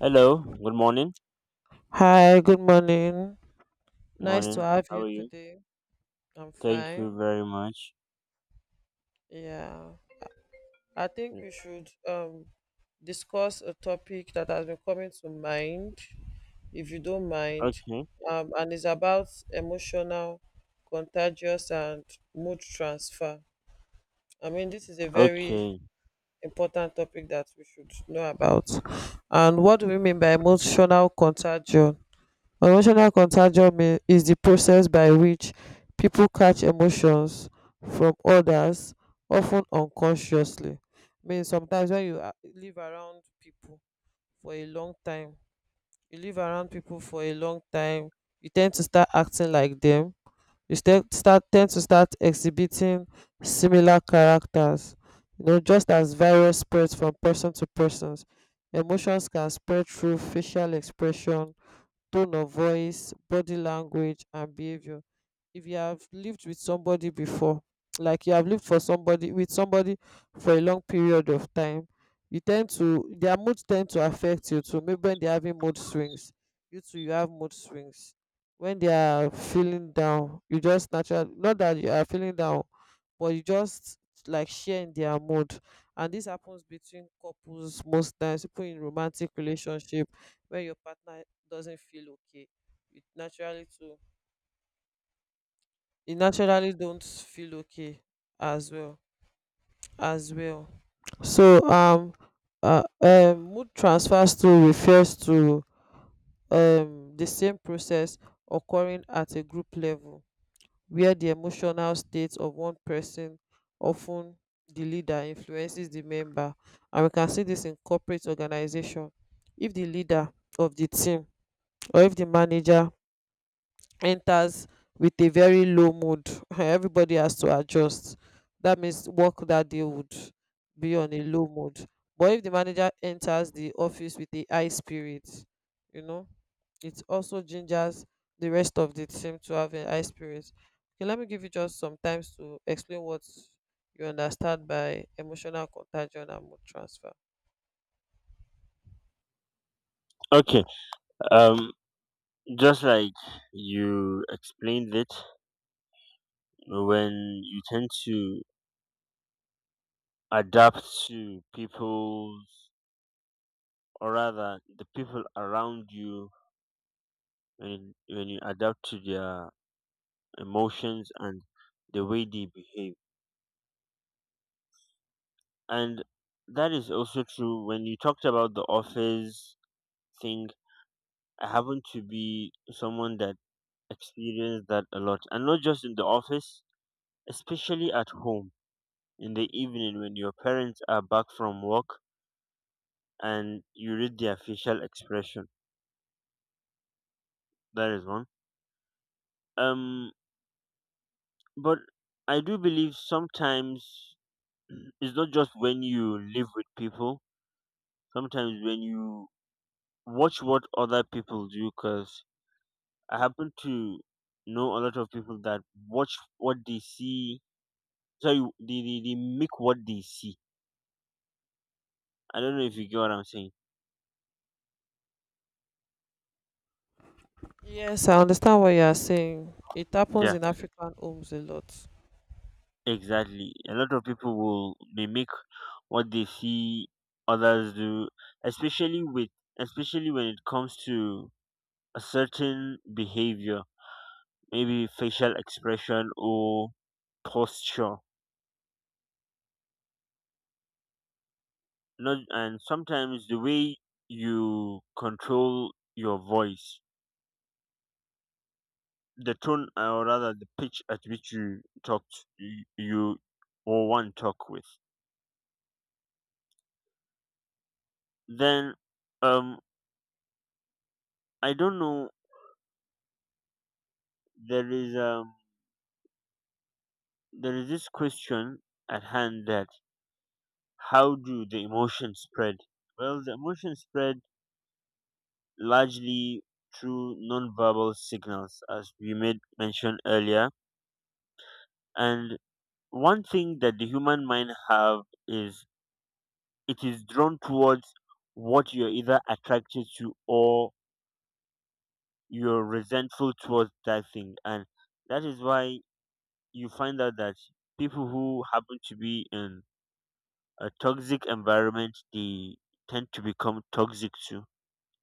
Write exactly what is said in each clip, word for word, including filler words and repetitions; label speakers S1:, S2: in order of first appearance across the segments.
S1: Hello, good morning.
S2: Hi, good morning. Nice to
S1: Morning.
S2: have
S1: How
S2: you
S1: are you?
S2: today. I'm
S1: Thank you
S2: fine.
S1: very much.
S2: Yeah. I think
S1: Mm.
S2: we should um discuss a topic that has been coming to mind, if you don't mind.
S1: Okay.
S2: Um, and it's about emotional, contagious and mood transfer. I mean, this is a very
S1: Okay.
S2: important topic that we should know about. And what do we mean by emotional contagion? Emotional contagion mean, is the process by which people catch emotions from others often unconsciously. I mean sometimes when you ah live around people for a long time, you live around people for a long time, you tend to start acting like them. You start start tend to start exhibiting similar characters. You know, just as virus spreads from person to person, emotions can spread through facial expression, tone of voice, body language and behavior. If you have lived with somebody before like you have lived for somebody with somebody for a long period of time, you tend to, their mood tend to affect you too. Maybe when they're having mood swings, you too you have mood swings. When they are feeling down you just naturally, not that you are feeling down, but you just like share in their mood. And this happens between couples most times, people in romantic relationship. When your partner doesn't feel okay, it naturally too, it naturally don't feel okay as well, as well. So um uh, um mood transfers through refers to um the same process occurring at a group level where the emotional state of one person, often the leader, influences the member. And we can see this in corporate organization. If the leader of the team or if the manager enters with a very low mood everybody has to adjust. That means work that day would be on a low mood. But if the manager enters the office with a high spirit, you know, it also gingers the rest of the team to have a high spirit. Okay, let me give you just some times to explain what you understand by emotional contagion and mood transfer.
S1: Okay. Um just like you explained it, when you tend to adapt to people's, or rather the people around you, when when you adapt to their emotions and the way they behave. And that is also true when you talked about the office thing. I happen to be someone that experience that a lot, and not just in the office, especially at home in the evening when your parents are back from work and you read their facial expression. That is one. Um, but I do believe sometimes it's not just when you live with people. Sometimes when you watch what other people do, because I happen to know a lot of people that watch what they see. Sorry, they, they, they make what they see. I don't know if you get what I'm saying.
S2: Yes, I understand what you are saying. It happens
S1: Yeah,
S2: in African homes a lot.
S1: exactly. A lot of people will mimic what they see others do, especially with especially when it comes to a certain behavior, maybe facial expression or posture. Not, and sometimes the way you control your voice, the tone, or rather the pitch at which you talk to, you or one talk with. Then um I don't know, there is um there is this question at hand: that how do the emotions spread? Well, the emotions spread largely through nonverbal signals, as we made mention earlier. And one thing that the human mind have is, it is drawn towards what you're either attracted to, or you're resentful towards that thing. And that is why you find out that people who happen to be in a toxic environment, they tend to become toxic too,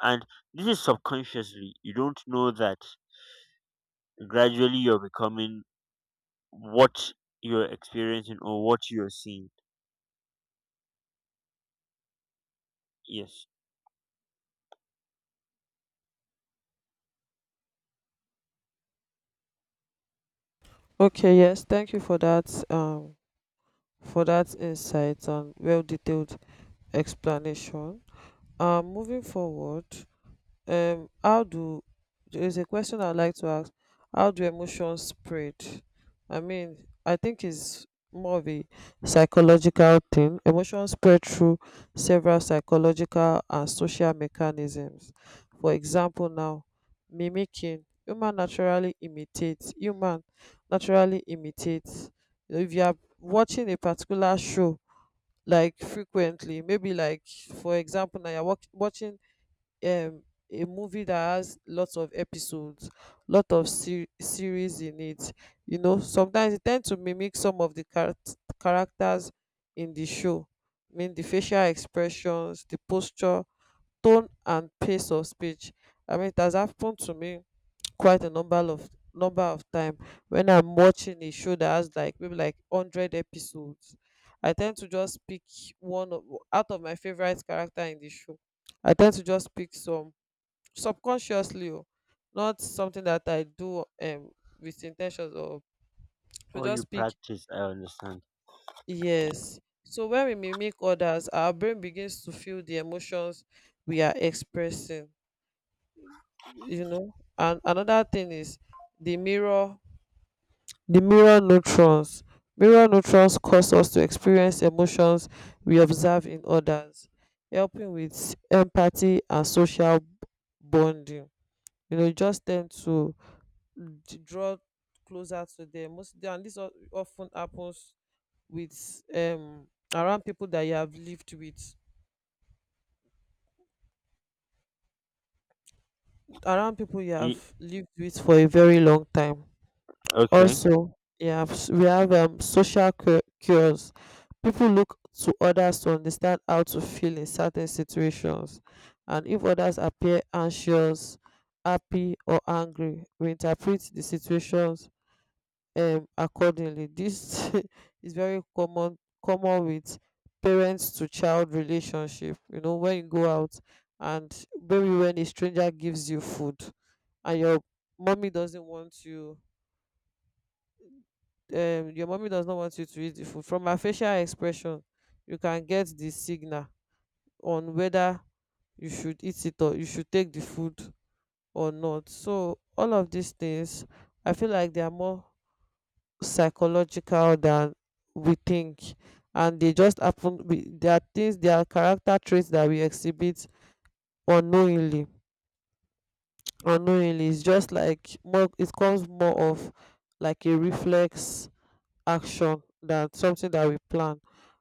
S1: and this is subconsciously, you don't know that gradually you're becoming what you're experiencing or what you're seeing. Yes.
S2: Okay, yes, thank you for that um for that insight and well detailed explanation. Um, moving forward, um, how do there is a question I'd like to ask: how do emotions spread? I mean, I think it's more of a psychological thing. Emotions spread through several psychological and social mechanisms. For example, now, mimicking. Human naturally imitates. Human naturally imitates. If you are watching a particular show like frequently, maybe like for example now you're watch- watching um a movie that has lots of episodes, lot of ser- series in it, you know, sometimes it tend to mimic some of the charac characters in the show. I mean, the facial expressions, the posture, tone and pace of speech. I mean, it has happened to me quite a number of number of time when I'm watching a show that has like maybe like hundred episodes. I tend to just pick one of, out of my favorite character in the show. I tend to just pick some subconsciously, oh, not something that I do um with intentions or to
S1: Or you
S2: just pick.
S1: practice, I understand.
S2: Yes. So when we mimic others, our brain begins to feel the emotions we are expressing. You know, and another thing is the mirror the mirror neurons. Mirror neurons cause us to experience emotions we observe in others, helping with empathy and social b- bonding. You know, just tend to d- draw closer to them most, and this of ten happens with um around people that you have lived with, around people you
S1: Ye-
S2: have lived with for a very long time.
S1: okay.
S2: Also, we have we have um, social cu- cures. People look to others to understand how to feel in certain situations, and if others appear anxious, happy, or angry, we interpret the situations um, accordingly. This is very common common with parents to child relationship. You know, when you go out and maybe when a stranger gives you food, and your mommy doesn't want you um your mommy does not want you to eat the food, from her facial expression you can get the signal on whether you should eat it or you should take the food or not. So all of these things, I feel like they are more psychological than we think, and they just happen. We, there are things, there are character traits that we exhibit unknowingly, unknowingly. It's just like more, it comes more of like a reflex action than something that we plan.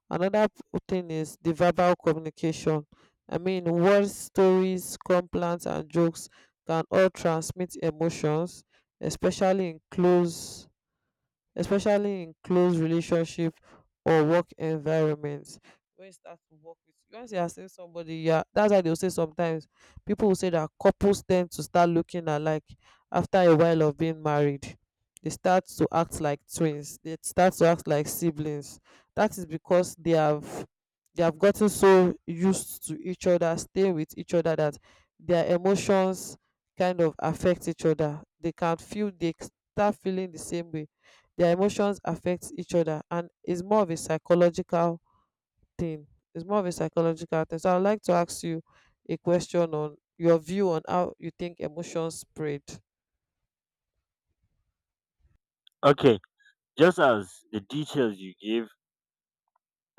S2: Another p- thing is the verbal communication. I mean, words, stories, complaints, and jokes can all transmit emotions, especially in close especially in close relationship or work environments. When you start to work with, once you are seeing somebody, yeah, that's why they'll say, sometimes people will say that couples tend to start looking alike after a while of being married. They start to act like twins. They start to act like siblings. That is because they have, they have gotten so used to each other, staying with each other, that their emotions kind of affect each other. They can feel, they start feeling the same way, their emotions affect each other, and it's more of a psychological thing. It's more of a psychological thing. So I'd like to ask you a question on your view on how you think emotions spread.
S1: Okay. Just as the details you give,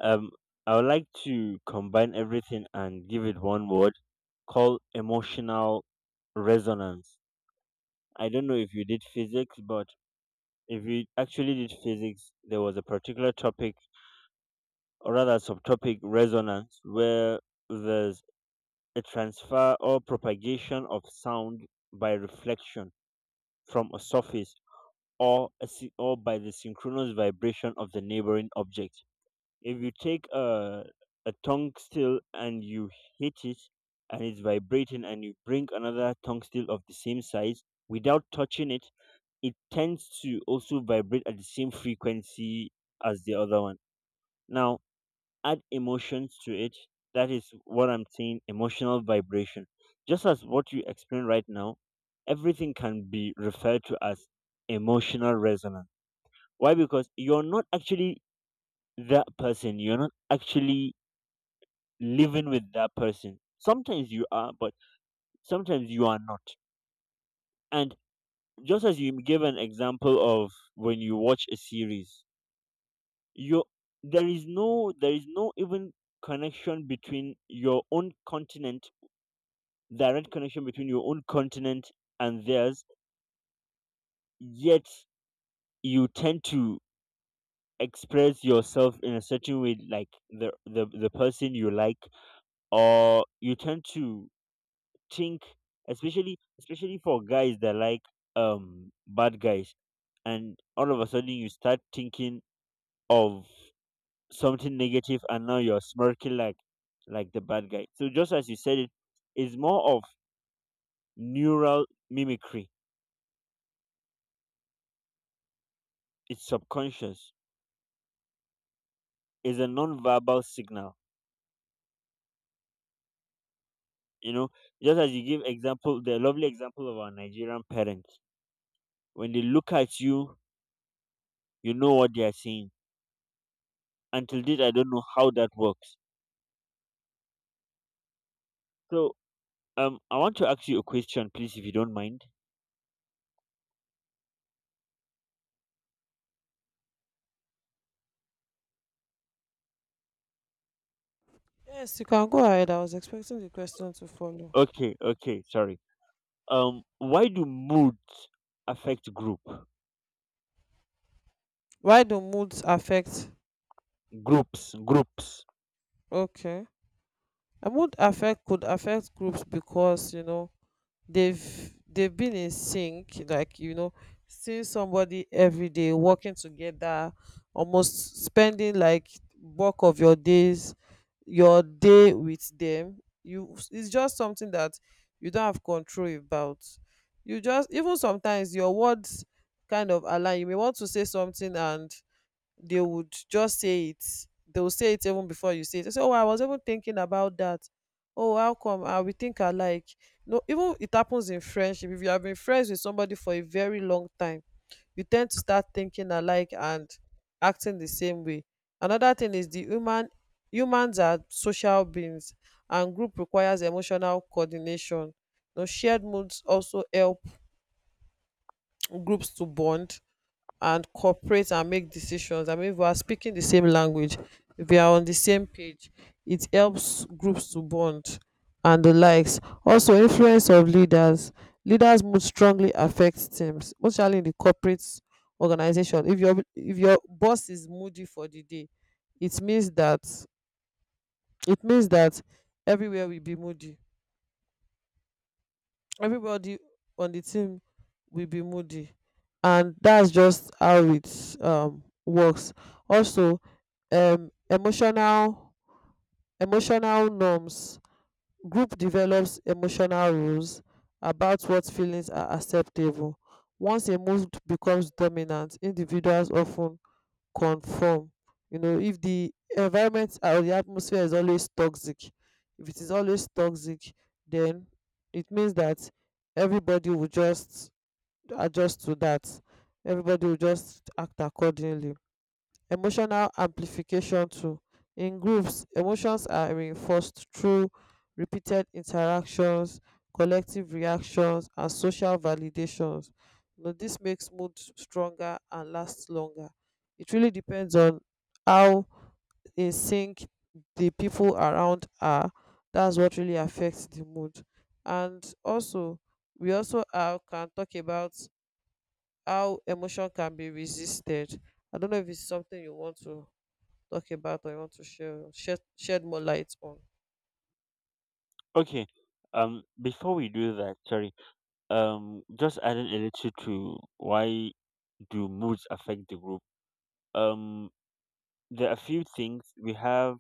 S1: um I would like to combine everything and give it one word called emotional resonance. I don't know if you did physics, but if you actually did physics, there was a particular topic, or rather subtopic, resonance, where there's a transfer or propagation of sound by reflection from a surface, or a, sy- or by the synchronous vibration of the neighboring object. If you take a a tongue still and you hit it, and it's vibrating, and you bring another tongue still of the same size without touching it it tends to also vibrate at the same frequency as the other one. Now, add emotions to it. That is what I'm saying, emotional vibration. Just as what you explain right now, everything can be referred to as emotional resonance. Why? Because you're not actually that person, you're not actually living with that person. Sometimes you are, but sometimes you are not. And just as you gave an example of when you watch a series, your there is no there is no even connection between your own continent, direct connection between your own continent and theirs, yet you tend to express yourself in a certain way, like the the, the person you like, or you tend to think, especially especially for guys that like um bad guys, and all of a sudden you start thinking of something negative, and now you're smirking like like the bad guy. So just as you said it, it's more of neural mimicry. It's subconscious. It's a non-verbal signal you know just as you give example, the lovely example of our Nigerian parents, when they look at you, you know what they are saying. Until date, I don't know how that works. So Um, I want to ask you a question, please, if you don't mind.
S2: Yes, you can go ahead. I was expecting the question to follow.
S1: Okay, okay, sorry. Um, why do moods affect group
S2: Why do moods affect?
S1: groups groups?
S2: Okay, a mood affect could affect groups because, you know, they've they've been in sync. Like, you know, seeing somebody every day, working together, almost spending like bulk of your days your day with them, you, it's just something that you don't have control about. You just, even sometimes your words kind of align. You may want to say something and they would just say it. They will say it even before you say it. They say, oh, I was even thinking about that. Oh, how come I, we think alike. No, even it happens in friendship. If you have been friends with somebody for a very long time, you tend to start thinking alike and acting the same way. Another thing is the human humans are social beings, and group requires emotional coordination. Now, shared moods also help groups to bond and cooperate and make decisions. I mean, if we are speaking the same language, if we are on the same page, it helps groups to bond and the likes. Also, influence of leaders. Leaders must strongly affect teams, especially in the corporate organization. If your if your boss is moody for the day, it means that it means that everywhere will be moody, everybody on the team will be moody, and that's just how it um works. Also, um emotional emotional norms. Group develops emotional rules about what feelings are acceptable. Once a mood becomes dominant, individuals often conform. You know, if the environment or the atmosphere is always toxic, if it is always toxic, then it means that everybody will just adjust to that. Everybody will just act accordingly. Emotional amplification too. In groups, emotions are reinforced through repeated interactions, collective reactions and social validations. You know, this makes mood stronger and lasts longer. It really depends on how in sync the people around are. That's what really affects the mood. And also we also uh, can talk about how emotion can be resisted. I don't know if it's something you want to talk about or you want to share shed, shed more light on?
S1: Okay. Um, before we do that, sorry. Um, just adding a little to why do moods affect the group? Um, there are a few things we have: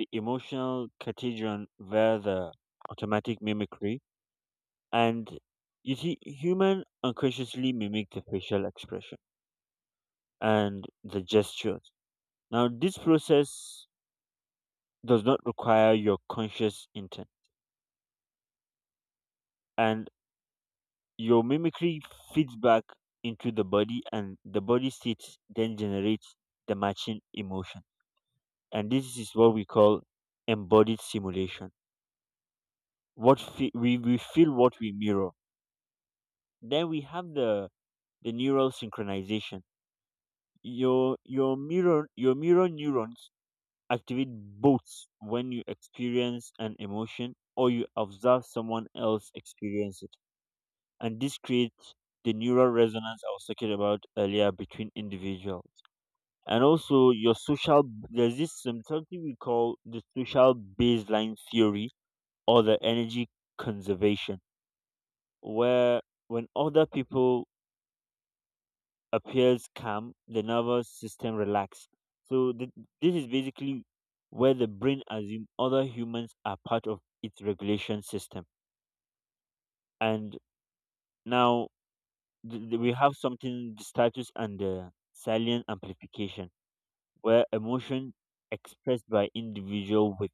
S1: the emotional contagion via the automatic mimicry. And you see, human unconsciously mimic the facial expression and the gestures. Now, this process does not require your conscious intent, and your mimicry feeds back into the body, and the body state then generates the matching emotion. And this is what we call embodied simulation. What fe- we, we feel what we mirror. Then we have the the neural synchronization. Your your mirror your mirror neurons activate both when you experience an emotion or you observe someone else experience it. And this creates the neural resonance I was talking about earlier, between individuals. And also your social there's this some- something we call the social baseline theory, or the energy conservation, where when other people appears calm, the nervous system relaxed. So th- this is basically where the brain assumes other humans are part of its regulation system. And now, th- th- we have something, the status and the silent amplification, where emotion expressed by individual with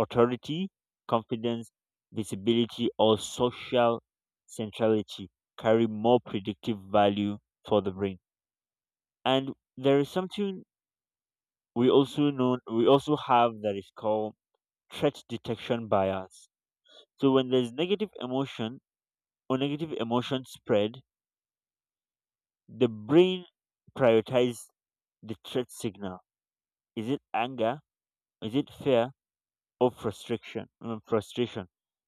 S1: authority, confidence, visibility, or social centrality carry more predictive value for the brain. And there is something we also know we also have that is called threat detection bias. So when there's negative emotion, or negative emotion spread, the brain prioritizes the threat signal. Is it anger? Is it fear? Or frustration? uh, frustration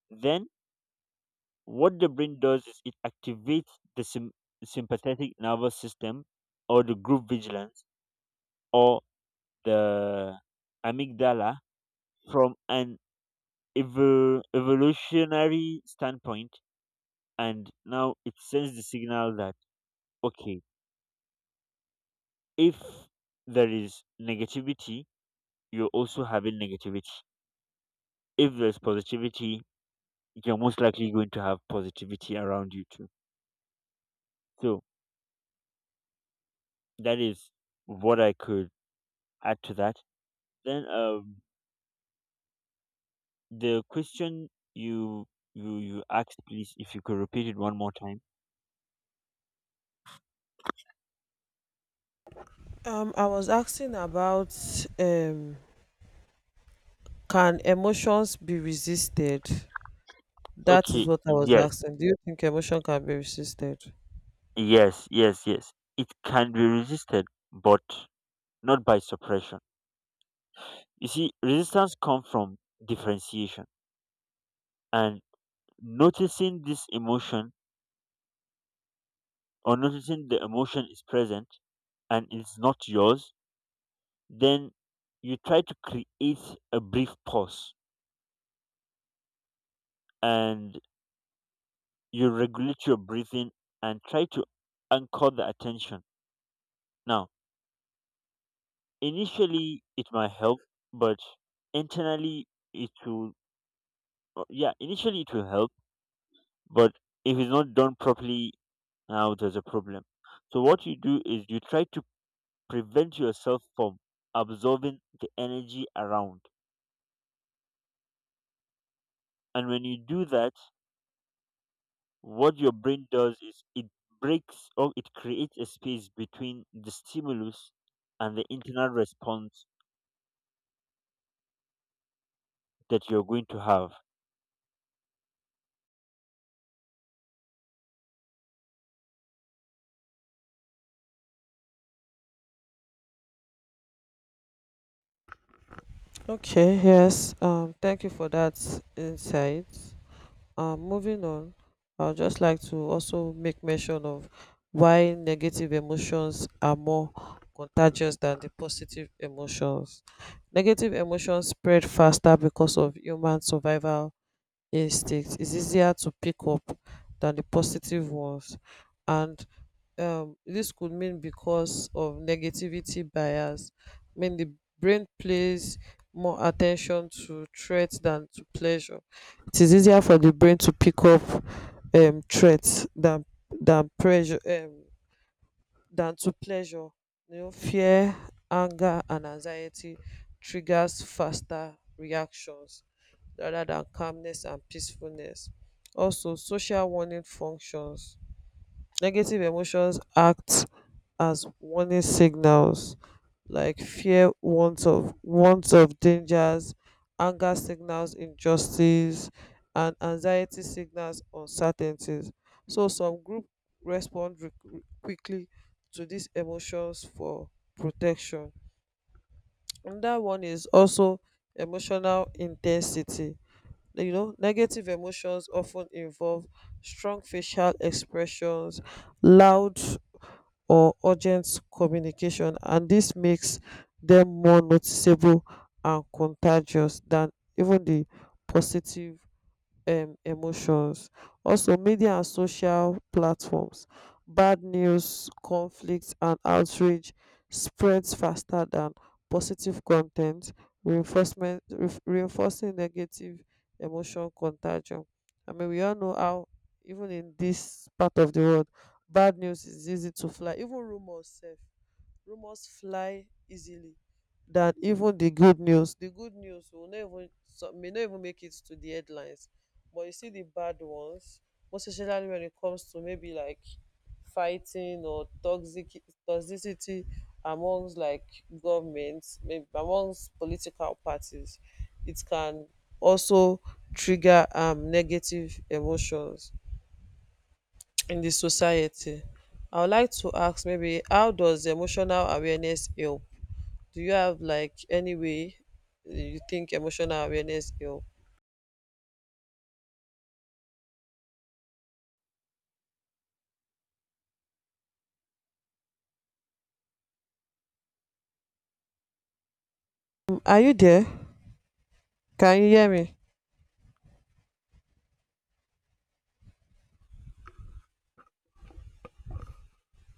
S1: Then what the brain does is it activates the sym- sympathetic nervous system, or the group vigilance, or the amygdala, from an evo- evolutionary standpoint. And now it sends the signal that, okay, if there is negativity, you're also having negativity. If there's positivity, you're most likely going to have positivity around you too. So that is what I could add to that. Then um the question you you you asked, please, if you could repeat it one more time.
S2: Um, I was asking about, um, can emotions be resisted? That is
S1: Okay.
S2: what I was
S1: Yes,
S2: asking. Do you think emotion can be resisted?
S1: yes, yes, yes, it can be resisted, but not by suppression. You see, resistance comes from differentiation and noticing this emotion, or noticing the emotion is present and it's not yours. Then you try to create a brief pause, and you regulate your breathing and try to anchor the attention. Now, initially it might help, but internally it will, uh, yeah, initially it will help, but if it's not done properly, now there's a problem. So what you do is you try to prevent yourself from absorbing the energy around. And when you do that, what your brain does is it breaks, or it creates a space between the stimulus and the internal response that you're going to have.
S2: Okay, yes. Um, thank you for that insight. Um, moving on, I would just like to also make mention of why negative emotions are more contagious than the positive emotions. Negative emotions spread faster because of human survival instincts. It's easier to pick up than the positive ones. And um this could mean because of negativity bias. When the brain plays more attention to threats than to pleasure, it is easier for the brain to pick up um threats than than pressure um than to pleasure. You know, fear, anger and anxiety triggers faster reactions rather than calmness and peacefulness. Also, social warning functions. Negative emotions act as warning signals, like fear, want of want of dangers, anger signals injustice, and anxiety signals uncertainties. So some group respond re- re- quickly to these emotions for protection. Another one is also emotional intensity. Like, you know, negative emotions often involve strong facial expressions, loud or urgent communication, and dis makes dem more noticeable and contagious than even di positive um emotions. Also, media and social platforms, bad news, conflict and outrage spreads faster than positive con ten t reinforcement, ref- reinforcing negative emotion contagion. I mean, we all know how even in this part of the world bad news is easy to fly. Even rumours sef, rumors fly easily than even the good news. The good news will not even, some may not even make it to the headlines. But you see the bad ones, most especially when it comes to maybe like fighting or toxic toxicity amongst like governments, maybe amongst political parties. It can also trigger um negative emotions in the society. I would like to ask, maybe how does emotional awareness help? Do you have like any way you think emotional awareness help? Are you there? Can you hear me?